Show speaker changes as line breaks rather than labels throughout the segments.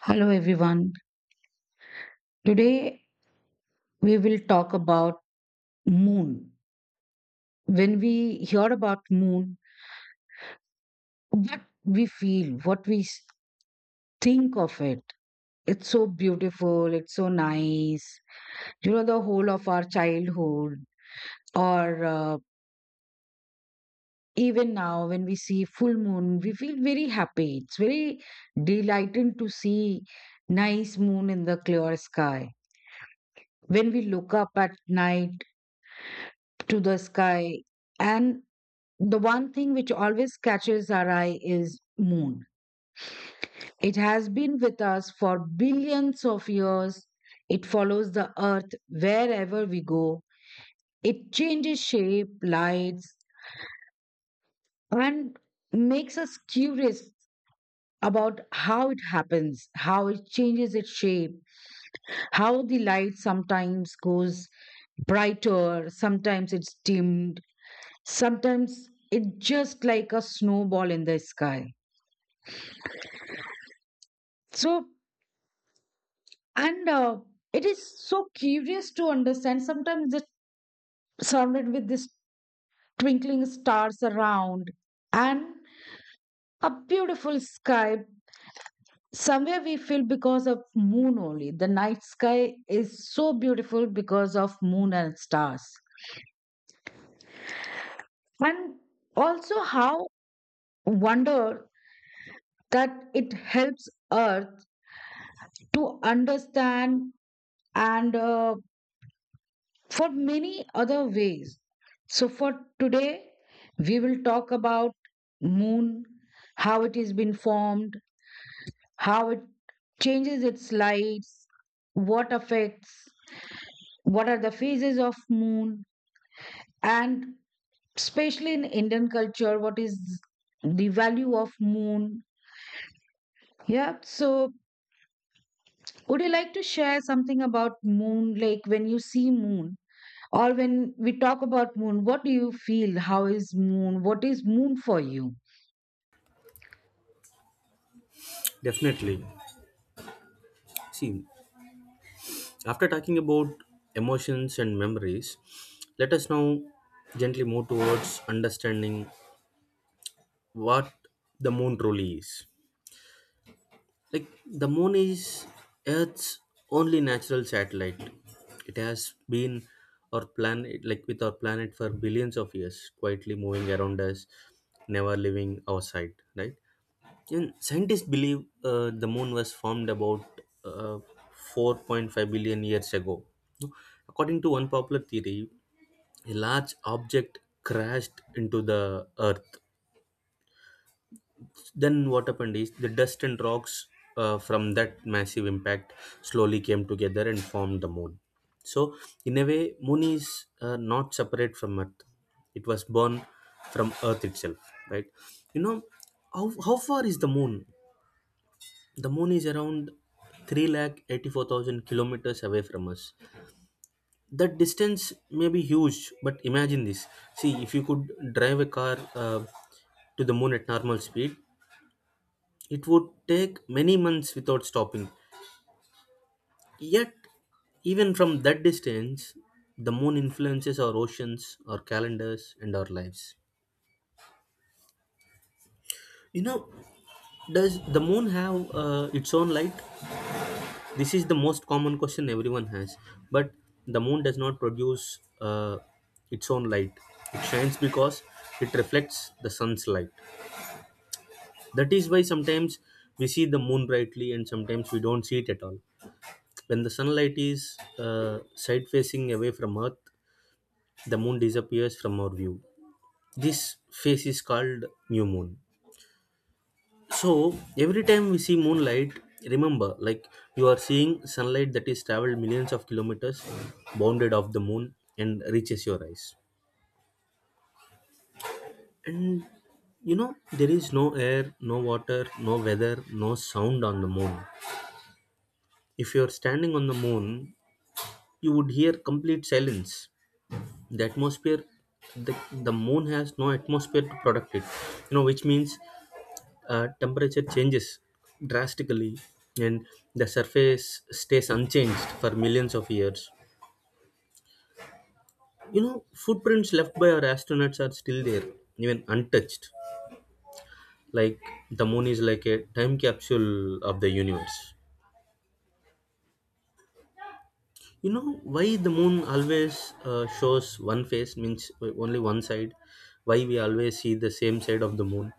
Hello everyone. Today we will talk about moon. When we hear about moon, what we feel, what we think of it. It's so beautiful, it's so nice. You know the whole of our childhood or even now when we see full moon, we feel very happy. It's very delighting to see nice moon in the clear sky. When we look up at night to the sky and the one thing which always catches our eye is moon. It has been with us for billions of years. It follows the earth wherever we go. It changes shape, lights, and makes us curious about how it happens, how it changes its shape, how the light sometimes goes brighter, sometimes it's dimmed, sometimes it's just like a snowball in the sky. So, and it is so curious to understand. Sometimes it's surrounded with this twinkling stars around, and a beautiful sky. Somewhere we feel because of moon only the night sky is so beautiful, because of moon and stars, and also how wonder that it helps earth to understand, and for many other ways. So, for today, we will talk about moon: how it has been formed, how it changes its lights, what affects, what are the phases of moon, and especially in Indian culture, what is the value of moon. Yeah. So, would you like to share something about moon? Like when you see moon, or when we talk about moon, what do you feel? How is moon? What is moon for you?
Definitely. See, after talking about emotions and memories, let us now gently move towards understanding what the moon truly is. Like, the moon is Earth's only natural satellite. It has been our planet, like with our planet for billions of years, quietly moving around us, never leaving our sight, right? And scientists believe the moon was formed about uh, 4.5 billion years ago. No, according to one popular theory, a large object crashed into the earth. Then, what happened is the dust and rocks from that massive impact slowly came together and formed the moon. So, in a way, moon is not separate from earth, it was born from earth itself, right? You know, how far is the moon? The moon is around 384,000 kilometers away from us. That distance may be huge, but imagine this. See, if you could drive a car to the moon at normal speed, it would take many months without stopping. Yet, even from that distance, the moon influences our oceans, our calendars, and our lives. You know, does the moon have its own light? This is the most common question everyone has, but the moon does not produce its own light. It shines because it reflects the sun's light. That is why sometimes we see the moon brightly and sometimes we don't see it at all. When the sunlight is side facing away from Earth, the moon disappears from our view. This phase is called new moon. So every time we see moonlight, remember, like you are seeing sunlight that is traveled millions of kilometers, bounded off the moon, and reaches your eyes. And there is no air, no water, no weather, no sound on the moon. If you are standing on the moon, you would hear complete silence. The atmosphere, the moon has no atmosphere to protect it. Which means temperature changes drastically and the surface stays unchanged for millions of years. Footprints left by our astronauts are still there, even untouched. Like, the moon is like a time capsule of the universe. You know why the moon always shows one face, means only one side? Why we always see the same side of the moon?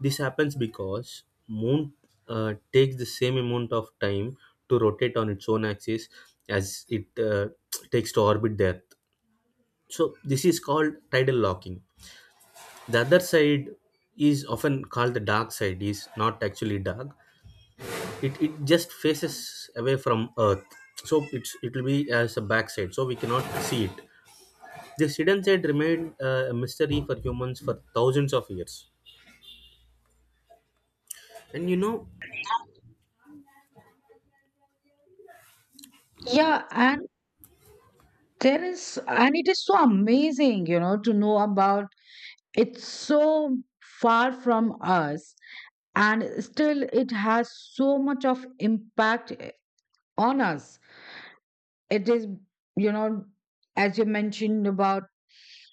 This happens because moon takes the same amount of time to rotate on its own axis as it takes to orbit the Earth. So this is called tidal locking. The other side is often called the dark side, is not actually dark. It just faces away from Earth. So it will be as a backside. So we cannot see it. This hidden side remained a mystery for humans for thousands of years. And you know
Yeah, and and it is so amazing, to know about It's so far from us, and still it has so much of impact on us. It is, you know, as you mentioned about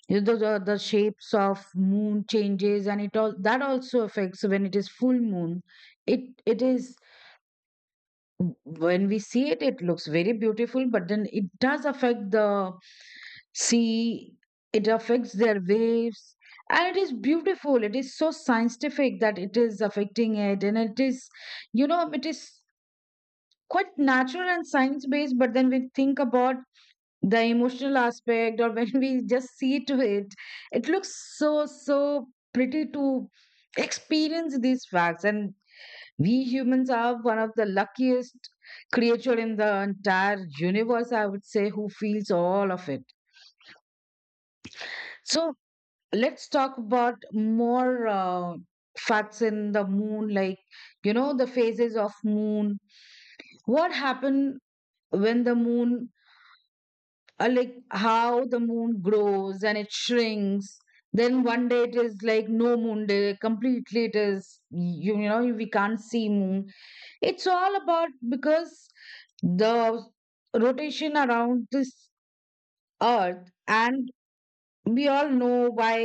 you know, the shapes of moon changes, and it all that also affects when it is full moon. It is, when we see it, it looks very beautiful, but then it does affect the sea, it affects their waves. And it is beautiful, it is so scientific that it is affecting it, and it is, it is quite natural and science based. But then we think about the emotional aspect or when we just see to it, it looks so pretty to experience these facts. And we humans are one of the luckiest creature in the entire universe, I would say, who feels all of it. So let's talk about more facts in the moon, like the phases of moon. What happened when the moon, like how the moon grows and it shrinks. Then one day it is like no moon day, completely it is, you know we can't see moon. It's all about because the rotation around this earth. And we all know why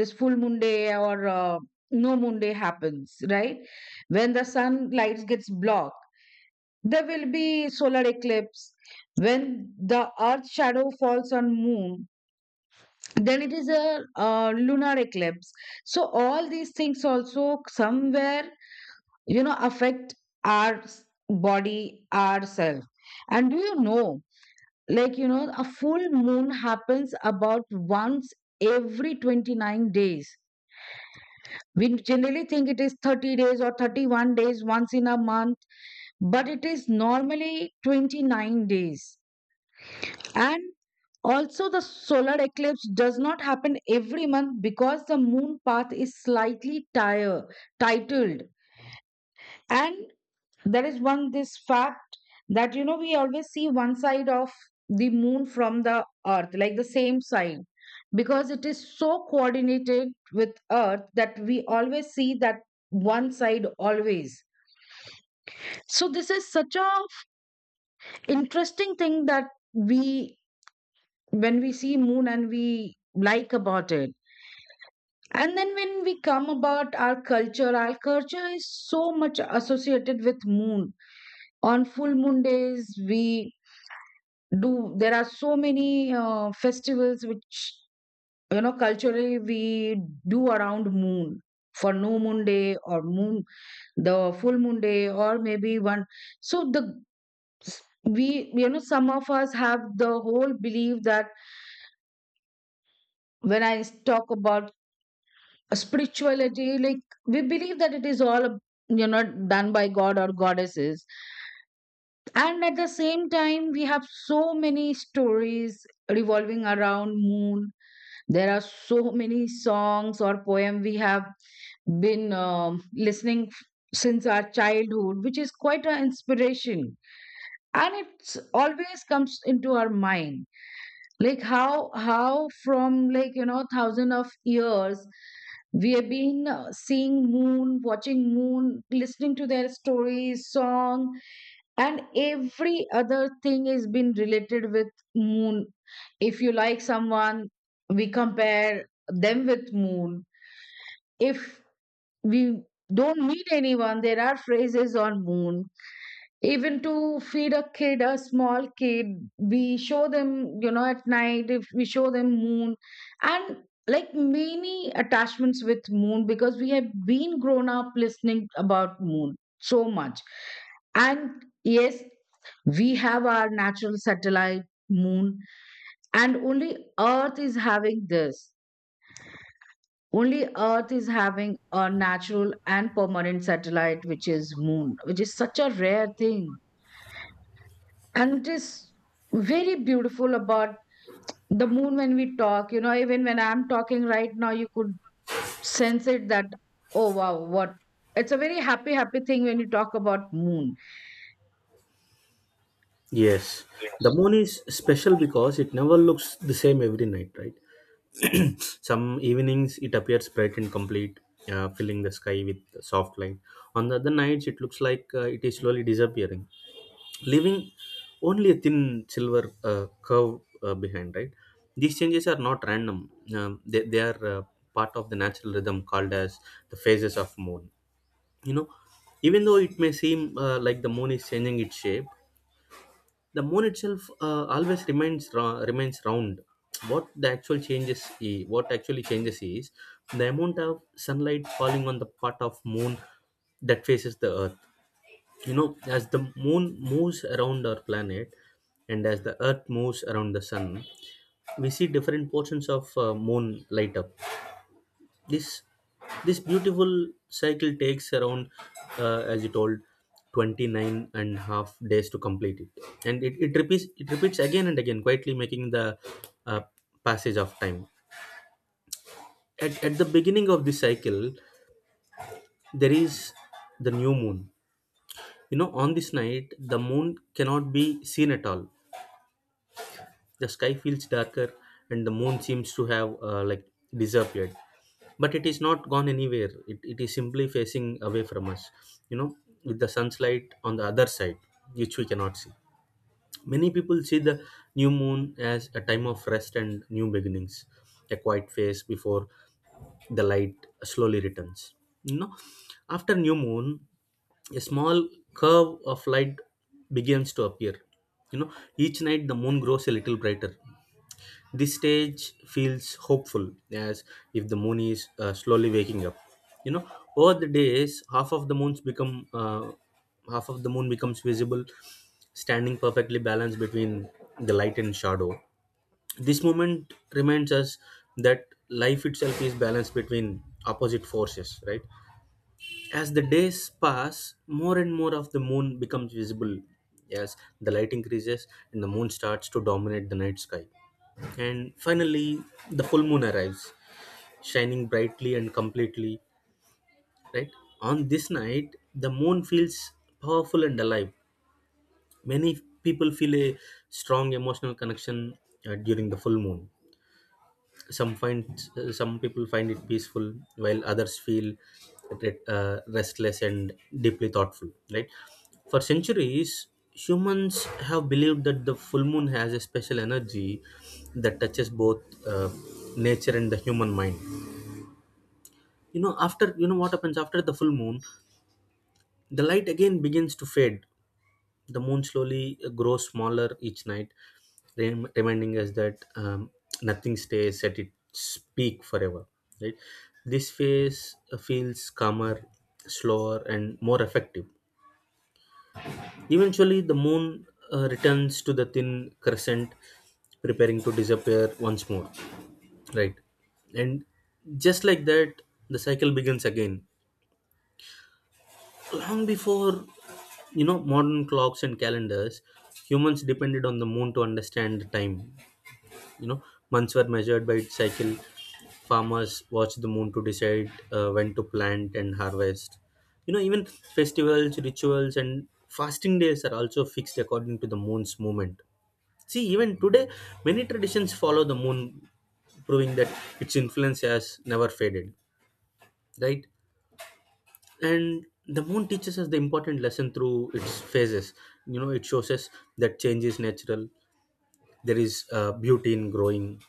this full moon day or no moon day happens, right? When the sunlight gets blocked, there will be solar eclipse. When the earth shadow falls on moon, then it is a lunar eclipse. So all these things also somewhere affect our body ourselves. And do you know, a full moon happens about once every 29 days? We generally think it is 30 days or 31 days once in a month, but it is normally 29 days. And also the solar eclipse does not happen every month because the moon path is slightly tire titled. And There is one this fact that we always see one side of the moon from the earth, like the same side, because it is so coordinated with earth that we always see that one side always. So this is such a interesting thing that, we when we see moon, and we like about it. And then when we come about our culture is so much associated with moon. On full moon days, we do there are so many festivals which, culturally we do around moon, for new moon day or moon the full moon day or maybe one. So the, we some of us have the whole belief that when I talk about spirituality, like, we believe that it is all done by god or goddesses. And at the same time we have so many stories revolving around moon. There are so many songs or poem we have been listening since our childhood, which is quite an inspiration, and it's always comes into our mind. Like, how from, like, thousand of years we have been seeing moon, watching moon, listening to their stories, song. And every other thing is been related with moon. If you like someone, we compare them with moon. If we don't meet anyone, there are phrases on moon. Even to feed a kid, a small kid, we show them, at night, if we show them moon. And Like many attachments with moon, because we have been grown up listening about moon so much. And yes, we have our natural satellite, moon. And only earth is having this. Only earth is having a natural and permanent satellite, which is moon, which is such a rare thing. And it is very beautiful about the moon. When we talk, even when I'm talking right now, you could sense it that, oh wow, what, it's a very happy thing when you talk about moon.
Yes, the moon is special because it never looks the same every night, right? Some evenings it appears bright and complete, filling the sky with soft light. On the other nights, it looks like it is slowly disappearing, leaving only a thin silver curve behind, right? These changes are not random; they are part of the natural rhythm called as the phases of moon. You know, even though it may seem like the moon is changing its shape, the moon itself always remains round. What the actual changes i- what actually changes is the amount of sunlight falling on the part of moon that faces the earth. You know as the moon moves around our planet and as the earth moves around the sun, we see different portions of moon light up. This this beautiful cycle takes around, as you told, 29 and half days to complete it, and it repeats again and again, quietly making the uh, passage of time. At the beginning of this cycle there is the new moon. On this night the moon cannot be seen at all. The sky feels darker and the moon seems to have like disappeared, but it is not gone anywhere. It is simply facing away from us, you know with the sunlight on the other side, which we cannot see. Many people see the new moon as a time of rest and new beginnings, a quiet phase before the light slowly returns. You know after new moon, a small curve of light begins to appear. You know each night the moon grows a little brighter. This stage feels hopeful, as if the moon is slowly waking up. You know, over the days, half of the moon becomes visible, standing perfectly balanced between the light and shadow. This moment reminds us that life itself is balanced between opposite forces, right? As the days pass, more and more of the moon becomes visible as the light increases and the moon starts to dominate the night sky. And finally, the full moon arrives, shining brightly and completely, right? On this night the moon feels powerful and alive. Many people feel a strong emotional connection during the full moon. Some find uh, some people find it peaceful while others feel restless and deeply thoughtful, right? For centuries humans have believed that the full moon has a special energy that touches both uh, nature and the human mind. You know what happens after the full moon. The light again begins to fade. The moon slowly grows smaller each night, reminding us that nothing stays at its peak forever. Right? This phase feels calmer, slower, and more effective. Eventually, the moon returns to the thin crescent, preparing to disappear once more. Right? And just like that, the cycle begins again. Long before modern clocks and calendars, humans depended on the moon to understand the time. You know, months were measured by its cycle. Farmers watched the moon to decide when to plant and harvest. Even festivals, rituals, and fasting days are also fixed according to the moon's movement. See, even today, many traditions follow the moon, proving that its influence has never faded. Right? And the moon teaches us the important lesson through its phases. It shows us that change is natural. There is beauty in growing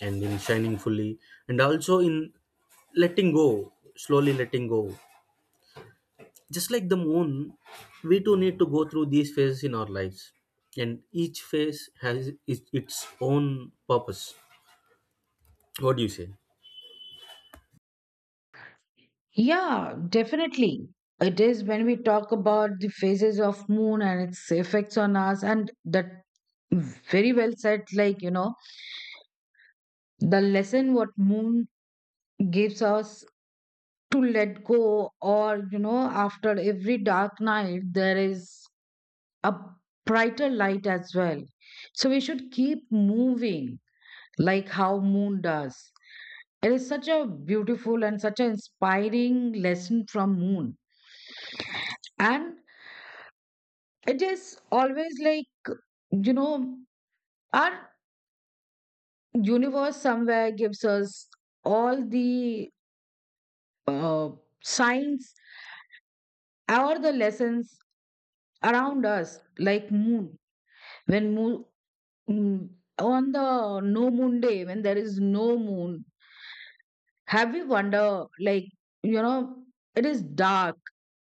and in shining fully, and also in letting go, slowly letting go. Just like the moon, we too need to go through these phases in our lives, and each phase has its own purpose. What do you say?
Yeah, definitely. It is, when we talk about the phases of moon and its effects on us, and that, very well said, the lesson what moon gives us, to let go, or, after every dark night there is a brighter light as well. So we should keep moving like how moon does. It is such a beautiful and such an inspiring lesson from moon. And it is always like, you know, our universe somewhere gives us all the uh, signs or the lessons around us, like moon. When moon, mm, on the no moon day, when there is no moon, have you wonder, like, you know, it is dark,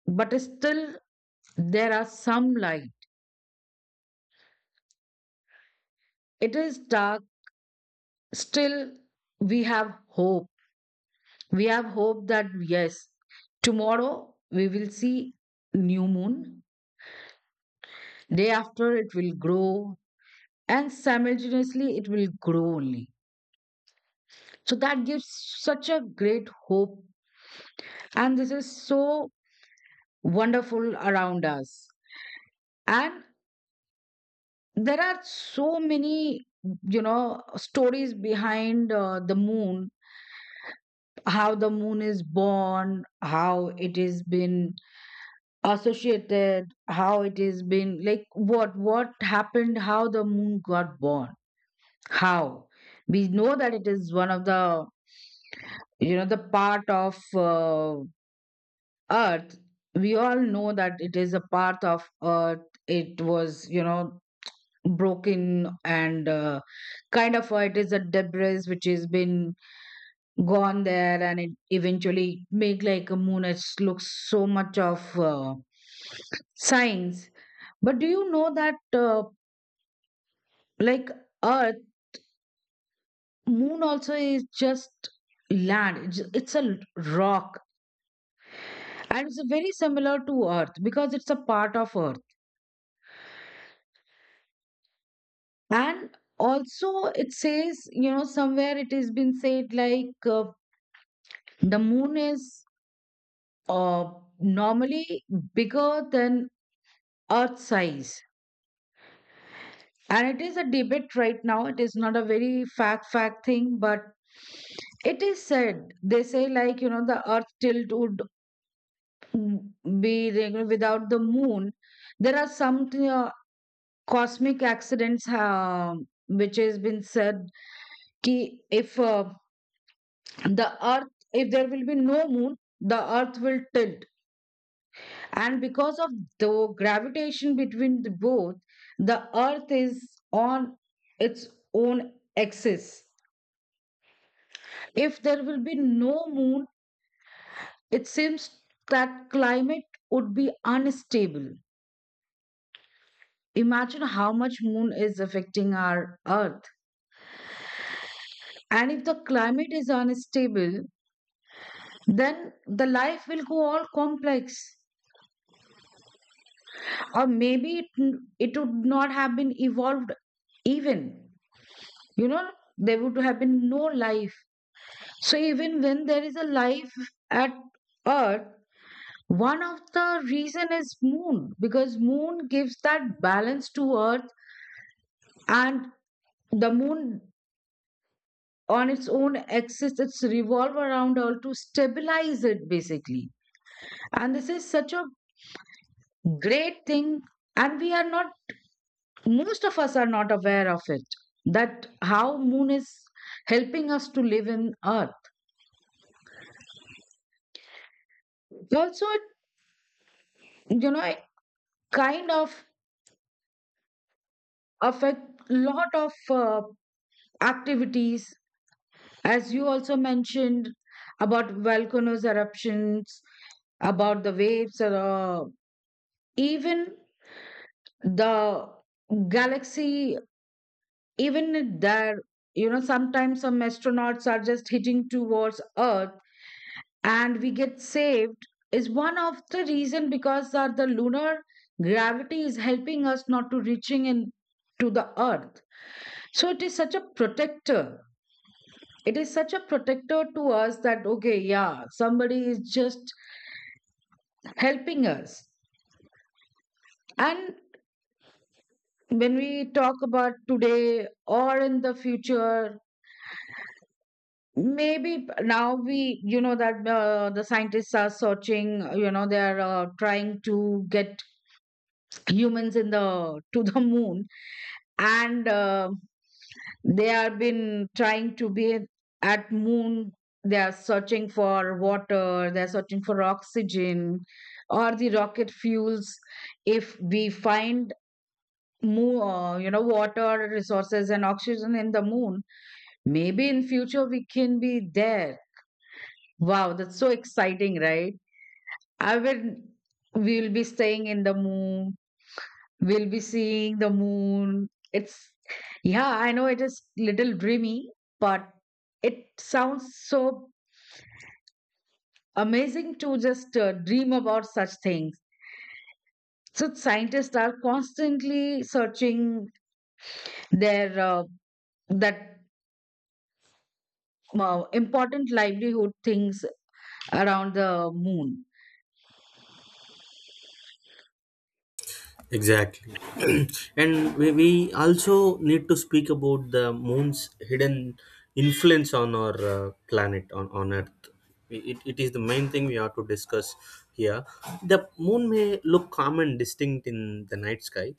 but still there are some light. It is dark, still we have hope. We have hope that yes, tomorrow we will see new moon. Day after it will grow and simultaneously it will grow only. So that gives such a great hope. And this is so wonderful around us. And there are so many stories behind the moon: how the moon is born, how it has been associated, how it has been, like, what happened, how the moon got born, how we know that it is one of the, the part of earth. We all know that it is a part of earth. It was, broken and, kind of, it is a debris which has been gone there, and it eventually make like a moon. It looks so much of science. But do you know that, like earth, moon also is just land. It's a rock, and it's very similar to earth because it's a part of earth. And also, it says, somewhere it has been said, like, the moon is, uh, normally bigger than earth size. And it is a debate right now, it is not a very fact thing, but it is said. They say, like, the earth tilt would be, you, without the moon, there are some cosmic accidents, which has been said, ki if uh, the earth if there will be no moon, the earth will tilt. And because of the gravitation between the both, the Earth is on its own axis. If there will be no moon, it seems that climate would be unstable. Imagine how much moon is affecting our Earth. And if the climate is unstable, then the life will go all complex. Or maybe it would not have been evolved even. You know, there would have been no life. So even when there is a life at Earth, one of the reason is moon, because moon gives that balance to Earth. And the moon, on its own axis, it's revolve around Earth to stabilize it, basically. And this is such a great thing, and we are not most of us are not aware of it, that how moon is helping us to live in earth. Also it, it kind of affect lot of activities, as you also mentioned, about volcanoes eruptions, about the waves, or, even the galaxy. Even there, sometimes some astronauts are just hitting towards earth, and we get saved, is one of the reason, because the lunar gravity is helping us not to reaching in to the earth. So it is such a protector. It is such a protector to us, that, okay, yeah, somebody is just helping us. And when we talk about today or in the future, maybe now, we you know that, the scientists are searching, they are, trying to get humans in the to the moon. And, they have been trying to be at moon. They are searching for water. They are searching for oxygen, or the rocket fuels. If we find moon, water resources and oxygen in the moon, maybe in future we can be there. Wow, that's so exciting, right? I will. We will be staying in the moon. We'll be seeing the moon. Yeah, I know it is little dreamy, but it sounds so amazing to just dream about such things. So scientists are constantly searching their, that, important livelihood things around the moon.
Exactly. And we also need to speak about the moon's hidden influence on our planet, on Earth. It is the main thing we have to discuss here. The moon may look calm and distinct in the night sky,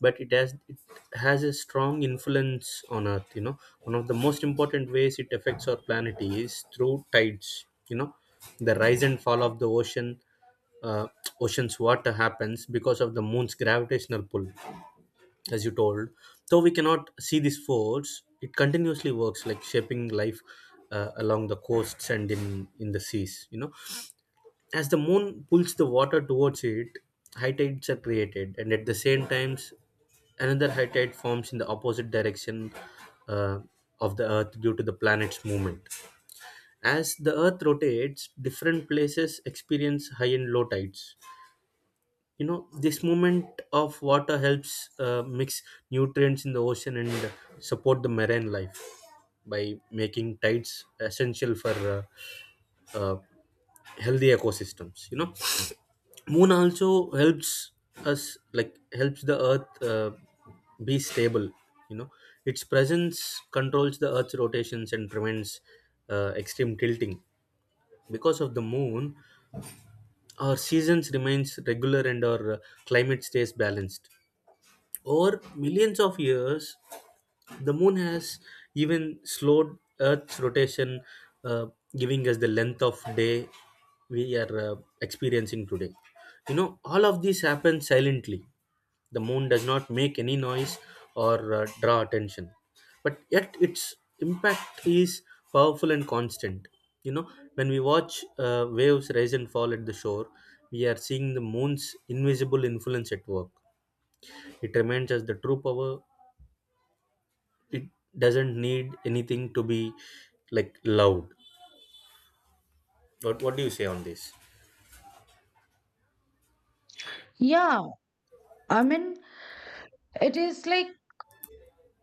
but it has a strong influence on Earth. One of the most important ways it affects our planet is through tides. The rise and fall of the uh, ocean's water happens because of the moon's gravitational pull, as you told. Though we cannot see this force, it continuously works like shaping life along the coasts and in the seas. As the moon pulls the water towards it, high tides are created, and at the same times another high tide forms in the opposite direction uh, of the earth due to the planet's movement. As the earth rotates, different places experience high and low tides. This movement of water helps mix nutrients in the ocean and support the marine life, by making tides essential for uh, healthy ecosystems. Moon also helps us like helps the earth be stable. You know its presence controls the earth's rotations and prevents extreme tilting. Because of the moon, our seasons remains regular and our climate stays balanced. Over millions of years, the moon has even slowed Earth's rotation, uh, giving us the length of day we are experiencing today. All of this happens silently. The moon does not make any noise or draw attention, but yet its impact is powerful and constant. When we watch waves rise and fall at the shore, we are seeing the moon's invisible influence at work. It reminds us the true power. It doesn't need anything to be like loud. What do you say on this?
Yeah, I mean, it is like,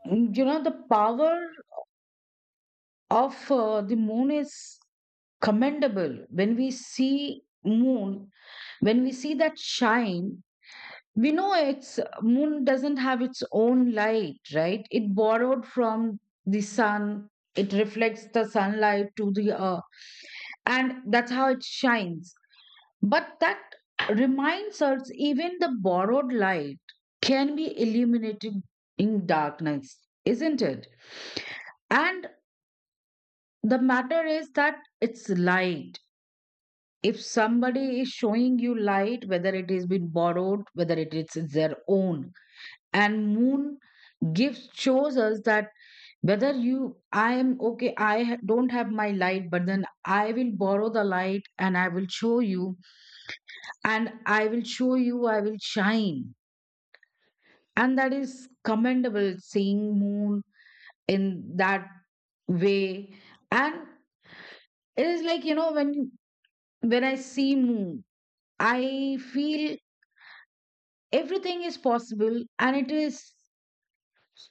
the power of, the moon is commendable. When we see moon, when we see that shine, we know its moon doesn't have its own light, right? It borrowed from the sun. It reflects the sunlight to the earth, and that's how it shines. But that reminds us even the borrowed light can be illuminated in darkness, isn't it? And the matter is that it's light. If somebody is showing you light, whether it has been borrowed, whether it is their own. And moon, gives shows us that, whether you I am okay, I don't have my light, but then I will borrow the light and I will show you. And I will shine. And that is commendable, seeing moon in that way. And it is like, when I see moon, I feel everything is possible. And it is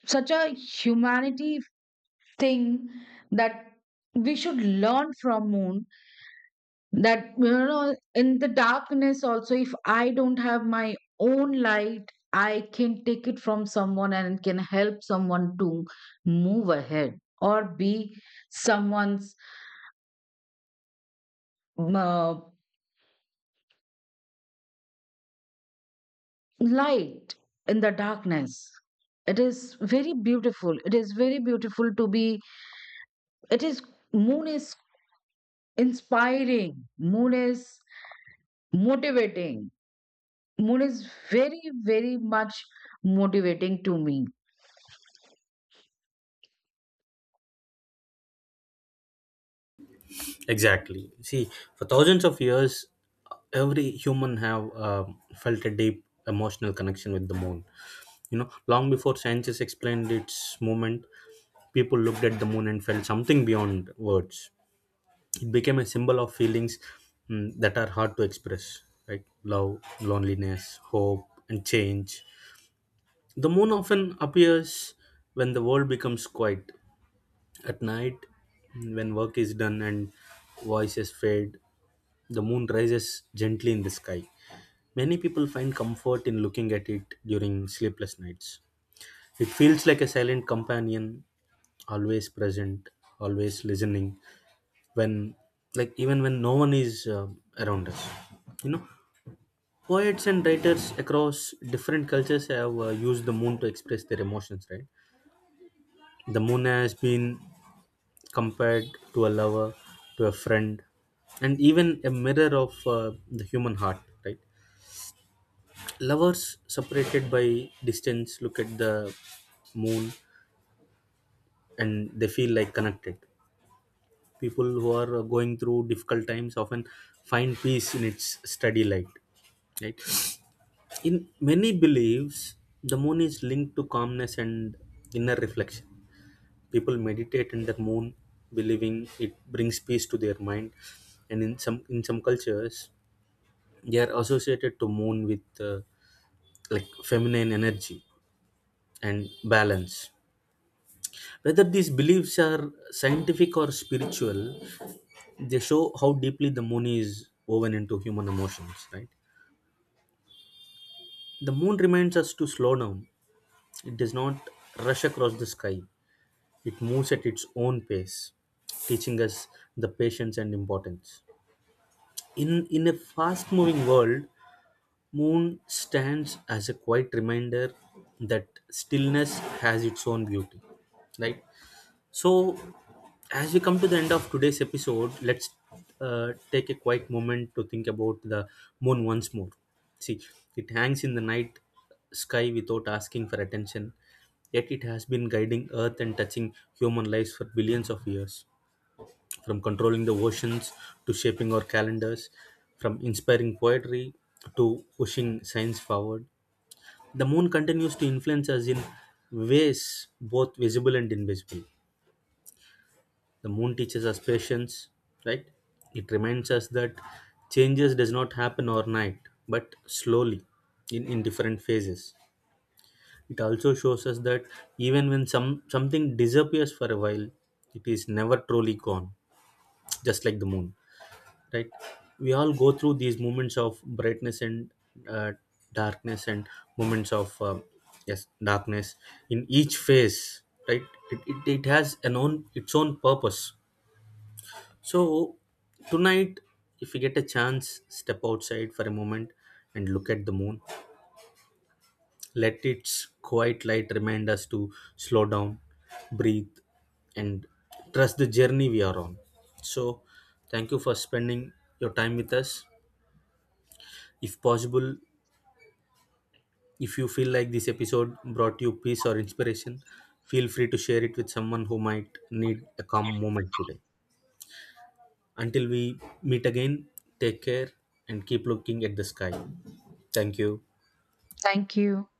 such a humanity thing that we should learn from moon, that, in the darkness also, if I don't have my own light, I can take it from someone and can help someone to move ahead, or be someone's um, uh, light in the darkness. It is very beautiful. It is very beautiful to be. It is Moon is inspiring. Moon is motivating. Moon is very, very much motivating to me.
Exactly. See, for thousands of years every human have felt a deep emotional connection with the moon. Long before scientists explained its movement, people looked at the moon and felt something beyond words. It became a symbol of feelings, that are hard to express, like love, loneliness, hope and change. The moon often appears when the world becomes quiet. At night, when work is done and voices fade, the moon rises gently in the sky. Many people find comfort in looking at it during sleepless nights. It feels like a silent companion, always present, always listening. When, even when no one is around us, you know, poets and writers across different cultures have used the moon to express their emotions. Right, the moon has been compared to a lover, to a friend, and even a mirror of the human heart, right? Lovers separated by distance look at the moon and they feel like connected. People who are going through difficult times often find peace in its steady light, right? In many beliefs, the moon is linked to calmness and inner reflection. People meditate in the moon believing it brings peace to their mind. And in some cultures they are associated to moon with like feminine energy and balance. Whether these beliefs are scientific or spiritual, they show how deeply the moon is woven into human emotions, right? The moon reminds us to slow down. It does not rush across the sky. It moves at its own pace, teaching us the patience and importance. In a fast moving world, moon stands as a quiet reminder that stillness has its own beauty, right? So, as we come to the end of today's episode, let's take a quiet moment to think about the moon once more. See, it hangs in the night sky without asking for attention, yet it has been guiding Earth and touching human lives for billions of years, from controlling the oceans to shaping our calendars, from inspiring poetry to pushing science forward. The moon continues to influence us in ways both visible and invisible. The moon teaches us patience, right? It reminds us that changes does not happen overnight, but slowly in different phases. It also shows us that even when something disappears for a while, it is never truly gone, just like the moon. Right? We all go through these moments of brightness and uh, darkness, and moments of yes, darkness, in each phase, right? It has an own its own purpose. So tonight, if you get a chance, step outside for a moment and look at the moon. Let its quiet light remind us to slow down, breathe, and trust the journey we are on. So, thank you for spending your time with us. If possible, if you feel like this episode brought you peace or inspiration, feel free to share it with someone who might need a calm moment today. Until we meet again, take care and keep looking at the sky. Thank you.
Thank you.